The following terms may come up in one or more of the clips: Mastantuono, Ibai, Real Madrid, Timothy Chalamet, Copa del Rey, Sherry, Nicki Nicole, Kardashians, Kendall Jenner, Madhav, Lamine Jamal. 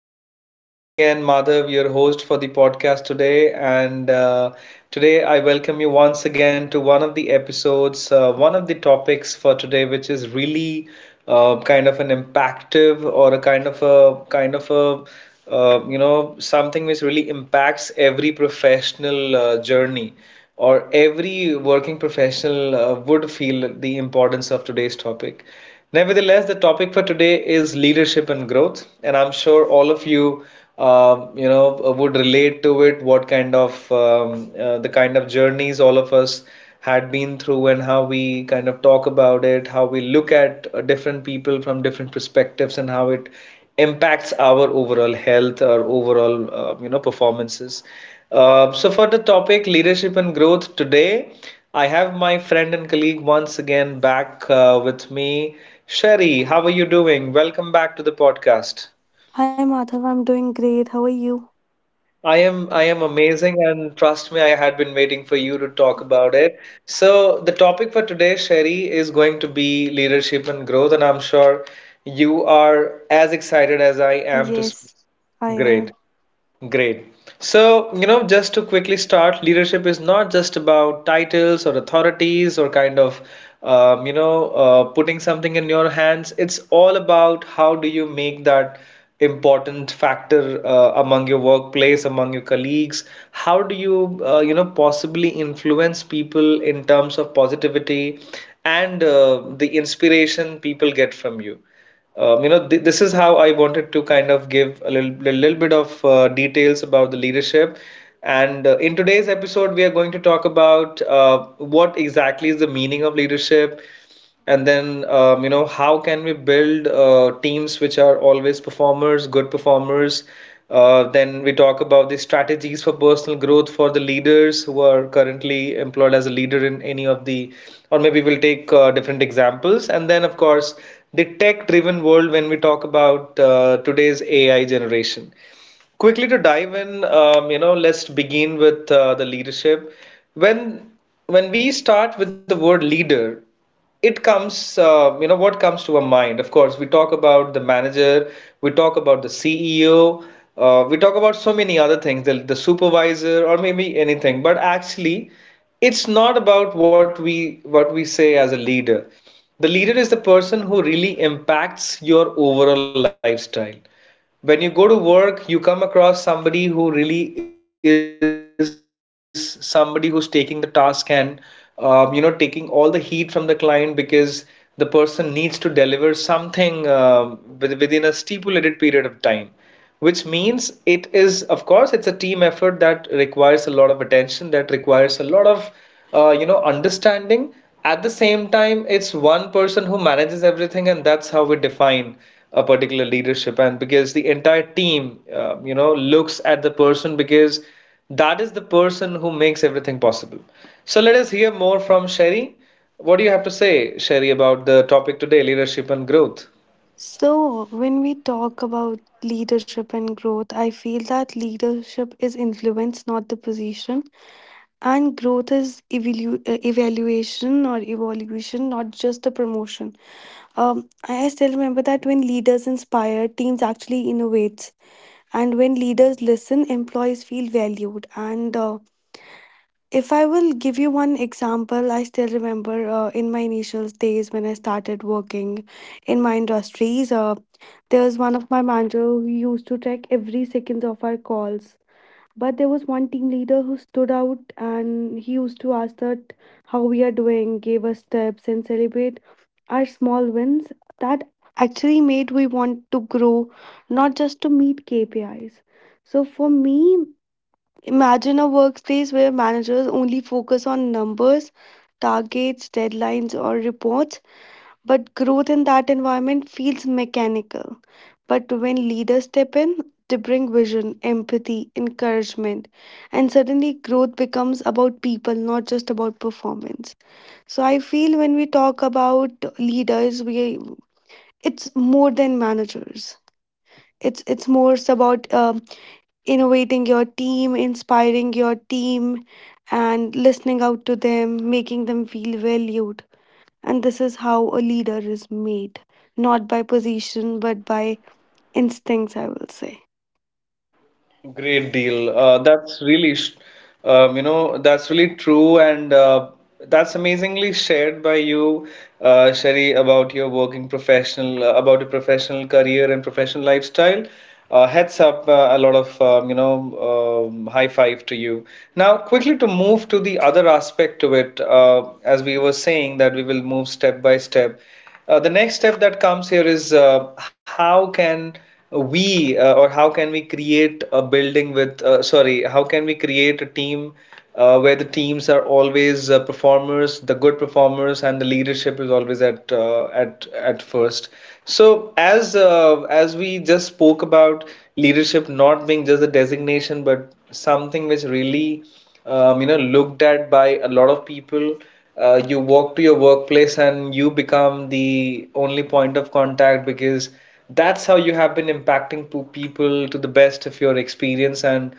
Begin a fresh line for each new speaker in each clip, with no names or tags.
This is once again Madhav, your host for the podcast today, and today I welcome you once again to one of the episodes, one of the topics for today, which is really kind of an impactive or a kind of a kind of a you know something which really impacts every professional journey or every working professional would feel the importance of today's topic. Nevertheless, the topic for today is leadership and growth, and I'm sure all of you would relate to it. What kind of the kind of journeys all of us had been through, and how we kind of talk about it, how we look at different people from different perspectives, and how it impacts our overall health, our overall performances. So for the topic leadership and growth today, I have my friend and colleague once again back with me. Sherry, how are you doing? Welcome back to the podcast.
Hi Madhav, I'm doing great. How are you?
I am amazing, and trust me, I had been waiting for you to talk about it. So the topic for today, Sherry, is going to be leadership and growth, and I'm sure you are as excited as I am to speak.
Yes, I
Great.
am.
Great. So, you know, just to quickly start, leadership is not just about titles or authorities or putting something in your hands. It's all about how do you make that important factor among your workplace, among your colleagues. How do you possibly influence people in terms of positivity and the inspiration people get from you? You know, th this is how I wanted to kind of give a little bit of details about the leadership. And in today's episode, we are going to talk about what exactly is the meaning of leadership, and then how can we build teams which are always performers, good performers. Then we talk about the strategies for personal growth for the leaders who are currently employed as a leader in any of the, or maybe we'll take different examples. And then, of course, the tech driven world when we talk about today's AI generation. Quickly to dive in, let's begin with the leadership. When when we start with the word leader, it comes what comes to our mind. Of course, we talk about the manager, we talk about the CEO, we talk about so many other things, the supervisor or maybe anything, but actually it's not about what we say as a leader. The leader is the person who really impacts your overall lifestyle. When you go to work, you come across somebody who really is somebody who's taking the task and taking all the heat from the client because the person needs to deliver something within a stipulated period of time, which means it is, of course, it's a team effort that requires a lot of attention, that requires a lot of understanding. At the same time, it's one person who manages everything, and that's how we define a particular leadership, and because the entire team looks at the person because that is the person who makes everything possible. So let us hear more from Sherry. What do you have to say, Sherry, about the topic today, leadership and growth?
So, when we talk about leadership and growth, I feel that leadership is influence, not the position, and growth is evaluation or evolution, not just the promotion. Um, I still remember that when leaders inspire, teams actually innovates, and when leaders listen, employees feel valued, and if I will give you one example, I still remember in my initial days when I started working in my industries, there was one of my manager who used to track every seconds of our calls. But there was one team leader who stood out and he used to ask that how we are doing, gave us tips and celebrate our small wins that actually made we want to grow, not just to meet KPIs. So for me, imagine a workspace where managers only focus on numbers, targets, deadlines, or reports, but growth in that environment feels mechanical. But when leaders step in, they bring vision, empathy, encouragement, and suddenly growth becomes about people, not just about performance. So I feel when we talk about leaders, we, it's more than managers. It's more about innovating your team, inspiring your team, and listening out to them, making them feel valued. And this is how a leader is made, not by position, but by instincts, I will say.
Great deal. That's really, sh- you know, That's really true, and that's amazingly shared by you, Sherry, about your working professional, about your professional career and professional lifestyle. Heads up, a lot of you know, high five to you. Now, quickly to move to the other aspect to it, as we were saying that we will move step by step. The next step that comes here is how can we or how can we create a building with sorry, how can we create a team where the teams are always performers, the good performers, and the leadership is always at first. So as we just spoke about leadership not being just a designation, but something which really looked at by a lot of people. You walk to your workplace and you become the only point of contact because that's how you have been impacting people to the best of your experience, and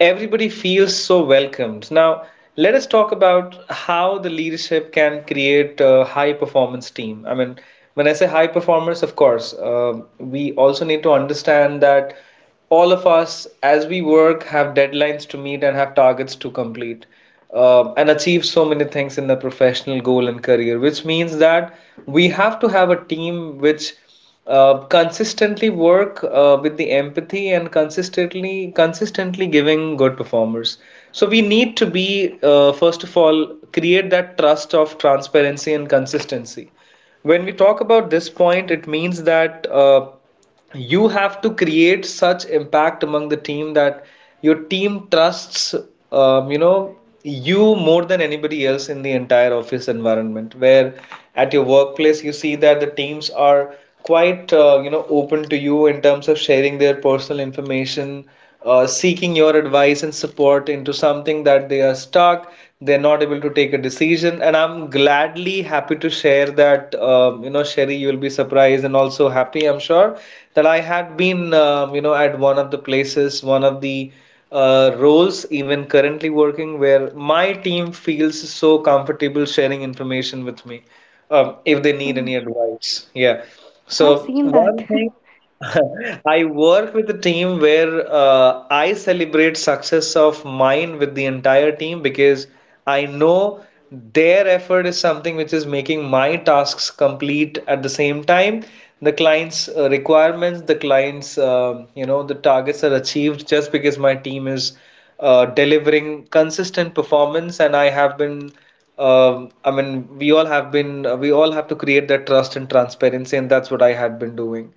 everybody feels so welcomed. Now, let us talk about how the leadership can create a high performance team. I mean, when I say high performers, of course, we also need to understand that all of us, as we work, have deadlines to meet and have targets to complete and achieve so many things in the professional goal and career, which means that we have to have a team which consistently work with the empathy and consistently giving good performers. So we need to be, first of all, create that trust of transparency and consistency. When we talk about this point, it means that you have to create such impact among the team that your team trusts, um, you know, you more than anybody else in the entire office environment. Where at your workplace, you see that the teams are quite open to you in terms of sharing their personal information, seeking your advice and support into something that they are stuck, they're not able to take a decision. And I'm gladly happy to share that, Sherry, you will be surprised and also happy, I'm sure, that I had been, at one of the places, one of the roles even currently working, where my team feels so comfortable sharing information with me, if they need any
True.
advice. Yeah,
I've
so
seen that.
one thing I work with a team where I celebrate success of mine with the entire team because I know their effort is something which is making my tasks complete at the same time. The client's requirements, the client's the targets are achieved just because my team is delivering consistent performance, and I have been, I mean, we all have been, we all have to create that trust and transparency, and that's what I had been doing.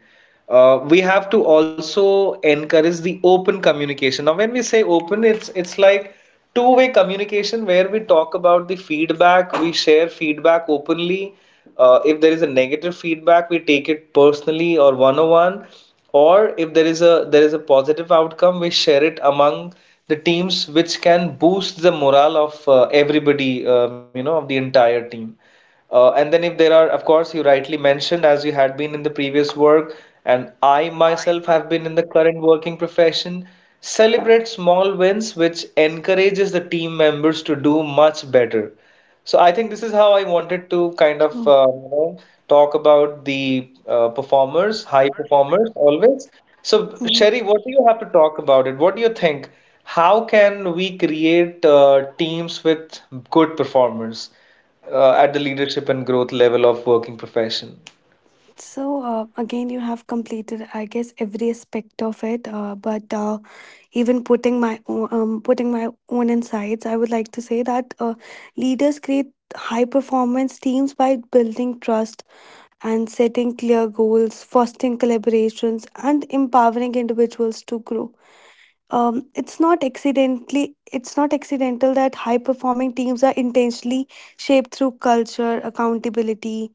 We have to also encourage the open communication. Now, when we say open, it's like two-way communication where we talk about the feedback, we share feedback openly. If there is a negative feedback, we take it personally or one-on-one, or if there is a positive outcome, we share it among the teams, which can boost the morale of everybody, of the entire team. And then, if there are, of course, you rightly mentioned, as you had been in the previous work, and I myself have been in the current working profession, celebrate small wins, which encourages the team members to do much better. So I think this is how I wanted to kind of
True.
talk about the performers, high performers always. So
Mhm.
Sherry, what do you have to talk about it? What do you think? How can we create teams with good performers at the leadership and growth level of working profession?
So, again, you have completed, I guess, every aspect of it. But even putting my own insights, I would like to say that leaders create high performance teams by building trust and setting clear goals, fostering collaborations, and empowering individuals to grow. It's not accidental that high performing teams are intentionally shaped through culture, accountability,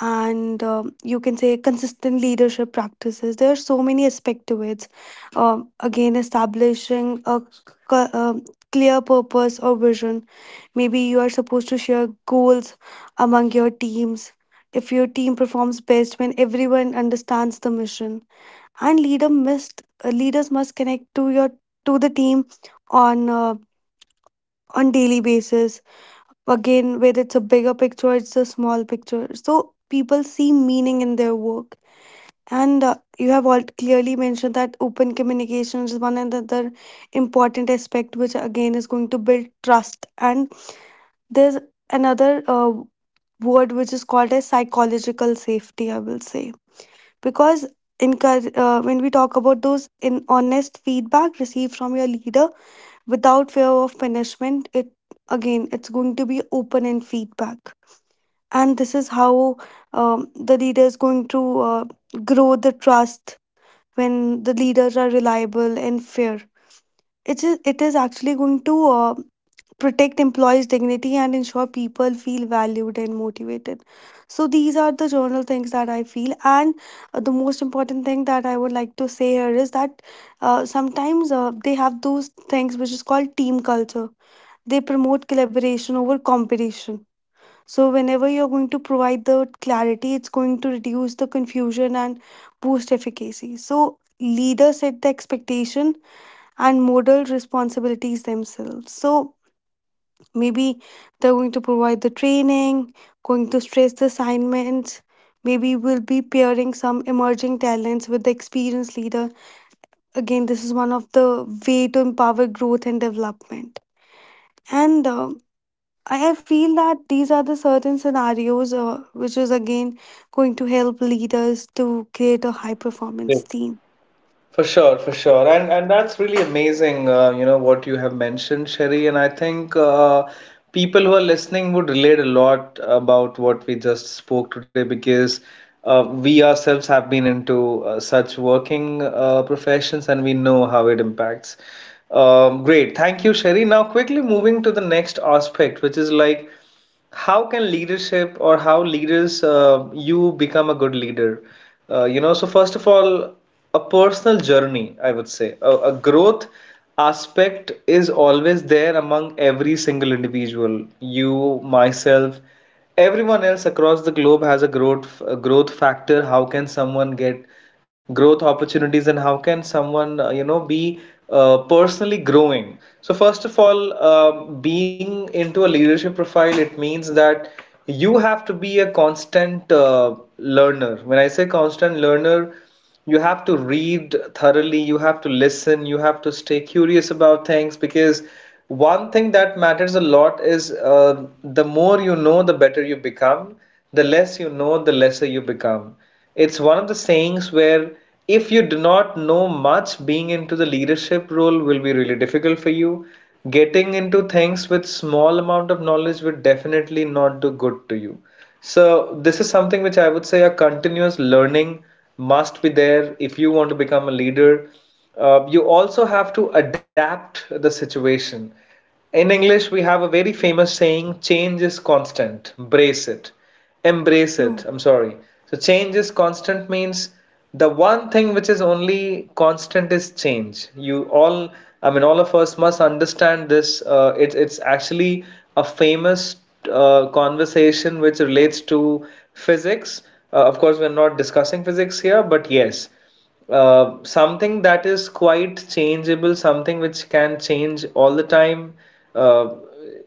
and you can say consistent leadership practices. There are so many aspects to it. Again, establishing a c- um clear purpose or vision. Maybe you are supposed to share goals among your teams. If your team performs best when everyone understands the mission, and leaders must connect to your to the team on uh, on daily basis, again whether it's a bigger picture, it's a small picture, so people see meaning in their work. And you have all clearly mentioned that open communication is one another important aspect, which again is going to build trust. And there's another word, which is called as psychological safety, I will say, because when we talk about those, in honest feedback received from your leader without fear of punishment, it again it's going to be open and feedback. And this is how the leader is going to uh, grow the trust. When the leaders are reliable and fair, it is actually going to protect employees dignity and ensure people feel valued and motivated. So these are the general things that I feel. And the most important thing that I would like to say here is that sometimes they have those things which is called team culture. They promote collaboration over competition. So, whenever you're going to provide the clarity, it's going to reduce the confusion and boost efficacy. So, leaders set the expectation and model responsibilities themselves. So, maybe they're going to provide the training, going to stress the assignments. Maybe we'll be pairing some emerging talents with the experienced leader. Again, this is one of the way to empower growth and development. And I feel that these are the certain scenarios, which is again going to help leaders to create a high performance
Right.
team.
For sure, and that's really amazing. You know what you have mentioned, Sherry, and I think people who are listening would relate a lot about what we just spoke today because we ourselves have been into such working professions, and we know how it impacts. Great, thank you, Sherry. Now, quickly moving to the next aspect, which is like, how can leadership or how leaders you become a good leader? So first of all, a personal journey, I would say, a growth aspect is always there among every single individual, you, myself, everyone else across the globe has a growth, a growth factor. How can someone get growth opportunities and how can someone be personally growing? So first of all, being into a leadership profile, it means that you have to be a constant learner. When I say constant learner, you have to read thoroughly, you have to listen, you have to stay curious about things because one thing that matters a lot is the more you know, the better you become. The less you know, the lesser you become. It's one of the sayings where if you do not know much, being into the leadership role will be really difficult for you. Getting into things with small amount of knowledge will definitely not do good to you. So this is something which I would say a continuous learning must be there if you want to become a leader. You also have to adapt the situation. In English, we have a very famous saying, change is constant, brace it embrace it,
True,
I'm sorry. So change is constant means the one thing which is only constant is change. You all I mean All of us must understand this. It's actually a famous conversation which relates to physics. Of course, we're not discussing physics here, but yes, something that is quite changeable, something which can change all the time, uh,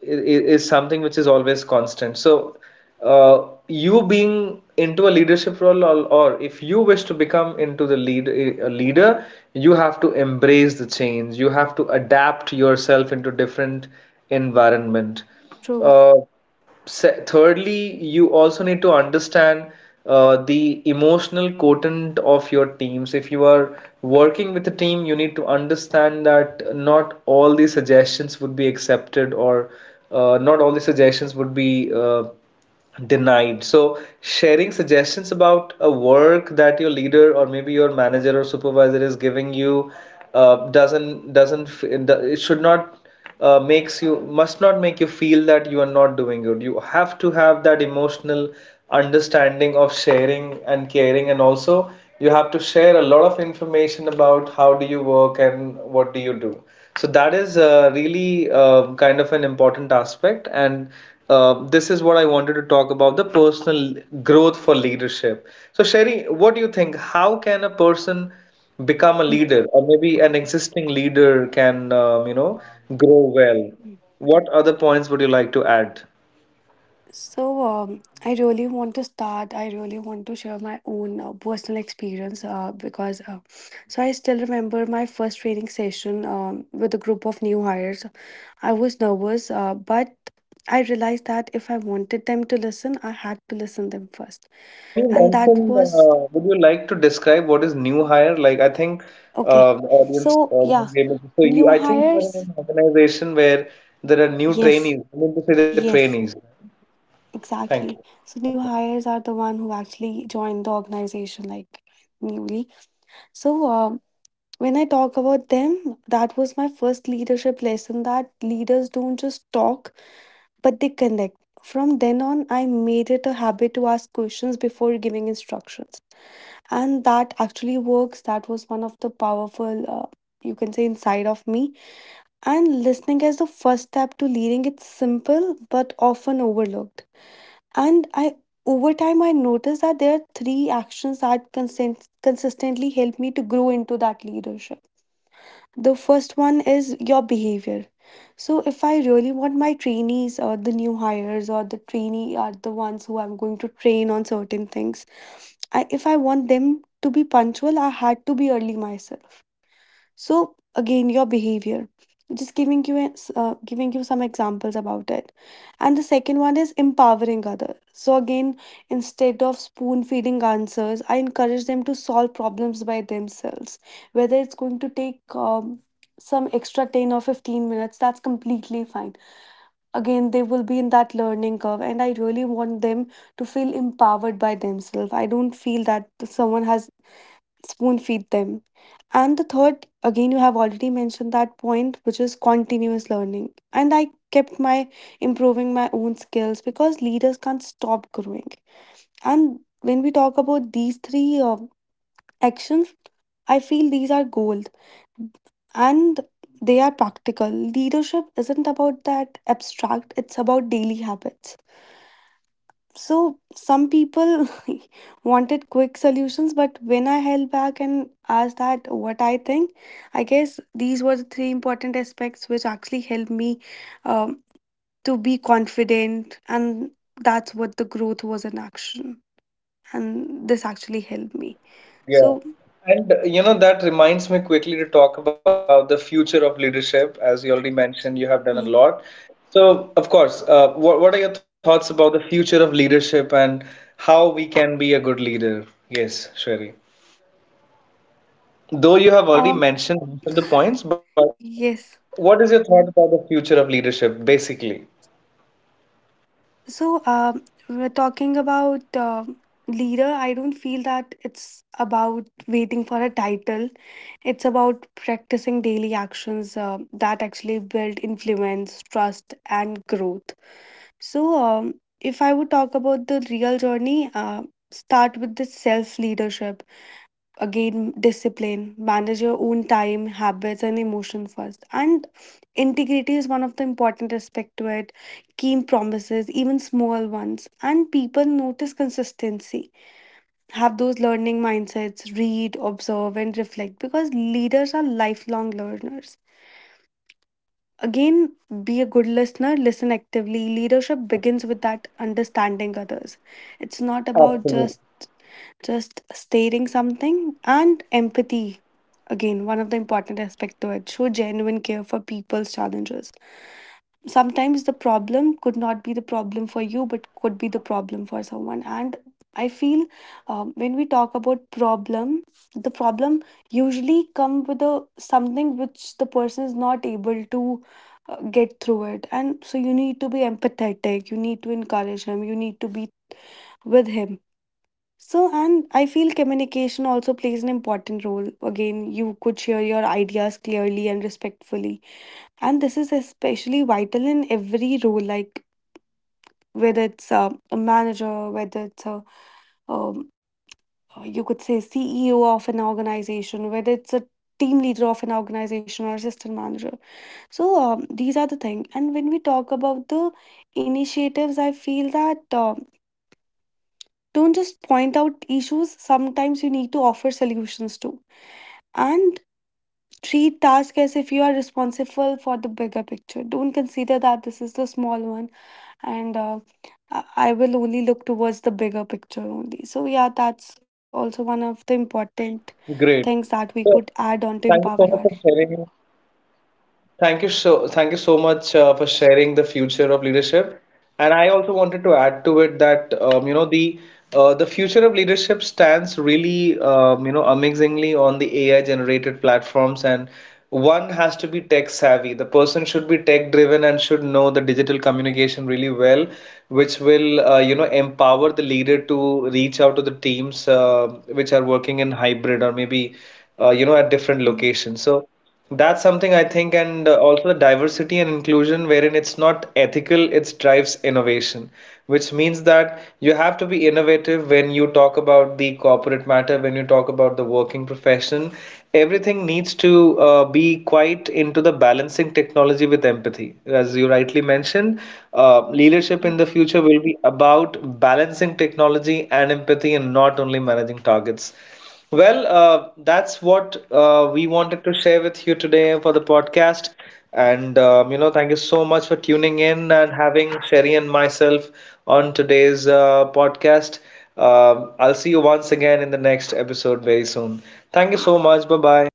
i- is something which is always constant. So, uh, you being into a leadership role, or if you wish to become into the leader, you have to embrace the change. You have to adapt yourself into different environment.
true.
Uh, thirdly, you also need to understand the emotional quotient of your teams. If you are working with a team, you need to understand that not all the suggestions would be accepted, or not all the suggestions would be denied. So, sharing suggestions about a work that your leader or maybe your manager or supervisor is giving you doesn't f- it should not makes you must not make you feel that you are not doing good. You have to have that emotional understanding of sharing and caring, and also you have to share a lot of information about how do you work and what do you do. So that is really kind of an important aspect, and this is what I wanted to talk about, the personal growth for leadership. So Sherry, what do you think? How can a person become a leader, or maybe an existing leader can grow well?
Mhm.
What other points would you like to add?
So, I really want to start. I really want to share my own personal experience because so I still remember my first training session with a group of new hires. I was nervous, but I realized that if I wanted them to listen, I had to listen them first,
When you
and that
mention,
was
would you like to describe what is new hire? Like, I think
okay.
the audience
So, yeah,
won't be able to. So,
new
I think you are in
hires.
an organization where there are new
Yes,
trainees. I mean to say the
yes,
trainees. Thank you.
exactly. So,
Okay.
new hires are the one who actually joined the organization like newly. So, when I talk about them, that was my first leadership lesson that leaders don't just talk, but they connect. From then on, I made it a habit to ask questions before giving instructions. And that actually works. That was one of the powerful, you can say, inside of me. And listening is the first step to leading. It's simple but often overlooked. And I over time I noticed that there are three actions that consistently help me to grow into that leadership. The first one is your behavior. So if I really want my trainees or the new hires or the trainee are the ones who I'm going to train on certain things, if I want them to be punctual, I had to be early myself. So again, your behavior, just giving you giving you some examples about it. And the second one is empowering others. So again, instead of spoon feeding answers, I encourage them to solve problems by themselves, whether it's going to take some extra 10 or 15 minutes, that's completely fine. Again, they will be in that learning curve and I really want them to feel empowered by themselves. I don't feel that someone has spoon feed them. And the third, again, you have already mentioned that point, which is continuous learning. And I kept my improving my own skills because leaders can't stop growing. And when we talk about these three actions, I feel these are gold and they are practical. Leadership isn't about that abstract, it's about daily habits. So some people wanted quick solutions, but when I held back and asked that what I think, I guess these were the three important aspects which actually helped me um, to be confident, and that's what the growth was in action, and this
True
actually
that.
helped
True
me.
that. Yeah.
So,
And that reminds me quickly to talk about the future of leadership. As you already mentioned, you have done a
mm,
lot. So, of course, what are your thoughts about the future of leadership and how we can be a good leader? Yes, Sherry. Though you have
um,
already mentioned most of the points, but
yes.
what is your thought about the future of leadership, basically?
So, we're talking about leader. I don't feel that it's about waiting for a title. It's about practicing daily actions that actually build influence, trust, and growth. So, if I would talk about the real journey, start with the self leadership. Again, discipline, manage your own time, habits, and emotion first. And integrity is one of the important aspect to it. Keep promises, even small ones, and people notice consistency. Have those learning mindsets, read, observe, and reflect because leaders are lifelong learners. Again, be a good listener, listen actively. Leadership
Yeah,
begins with that understanding others. It's not about
absolutely.
just stating something. And empathy, again, one of the important aspects to it. Show genuine care for people's challenges. Sometimes the problem could not be the problem for you, but could be the problem for someone. And I feel when we talk about problem, the problem usually come with a something which the person is not able to get through it. And so you need to be empathetic, you need to encourage him, you need to be with him. So and I feel communication also plays an important role. Again, you could share your ideas clearly and respectfully, and this is especially vital in every role, like whether it's a manager, whether it's a um, you could say CEO of an organization, whether it's a team leader of an organization or assistant manager. So these are the things. And when we talk about the initiatives, I feel that don't just point out issues. Sometimes you need to offer solutions too, and treat tasks as if you are responsible for the bigger picture. Don't consider that this is the small one, and I will only look towards the bigger picture only. So yeah, that's also one of the
Great.
important
So,
things that we
thank
could
you so
add
much
on
for
to empower
sharing.
our.
Thank you so much for sharing the future of leadership. And I also wanted to add to it that the future of leadership stands really amazingly on the AI generated platforms, and one has to be tech savvy. The person should be tech driven and should know the digital communication really well, which will empower the leader to reach out to the teams which are working in hybrid or maybe at different locations. So that's something I think, and also the diversity and inclusion, wherein it's not ethical, it drives innovation, which means that you have to be innovative when you talk about the corporate matter, when you talk about the working profession. Everything needs to be quite into the balancing technology with empathy. As you rightly mentioned, leadership in the future will be about balancing technology and empathy and not only managing targets. Well, that's what we wanted to share with you today for the podcast. And, thank you so much for tuning in and having Sherry and myself on today's podcast. I'll see you once again in the next episode very soon. Thank you so much. Bye bye.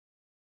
Bye bye.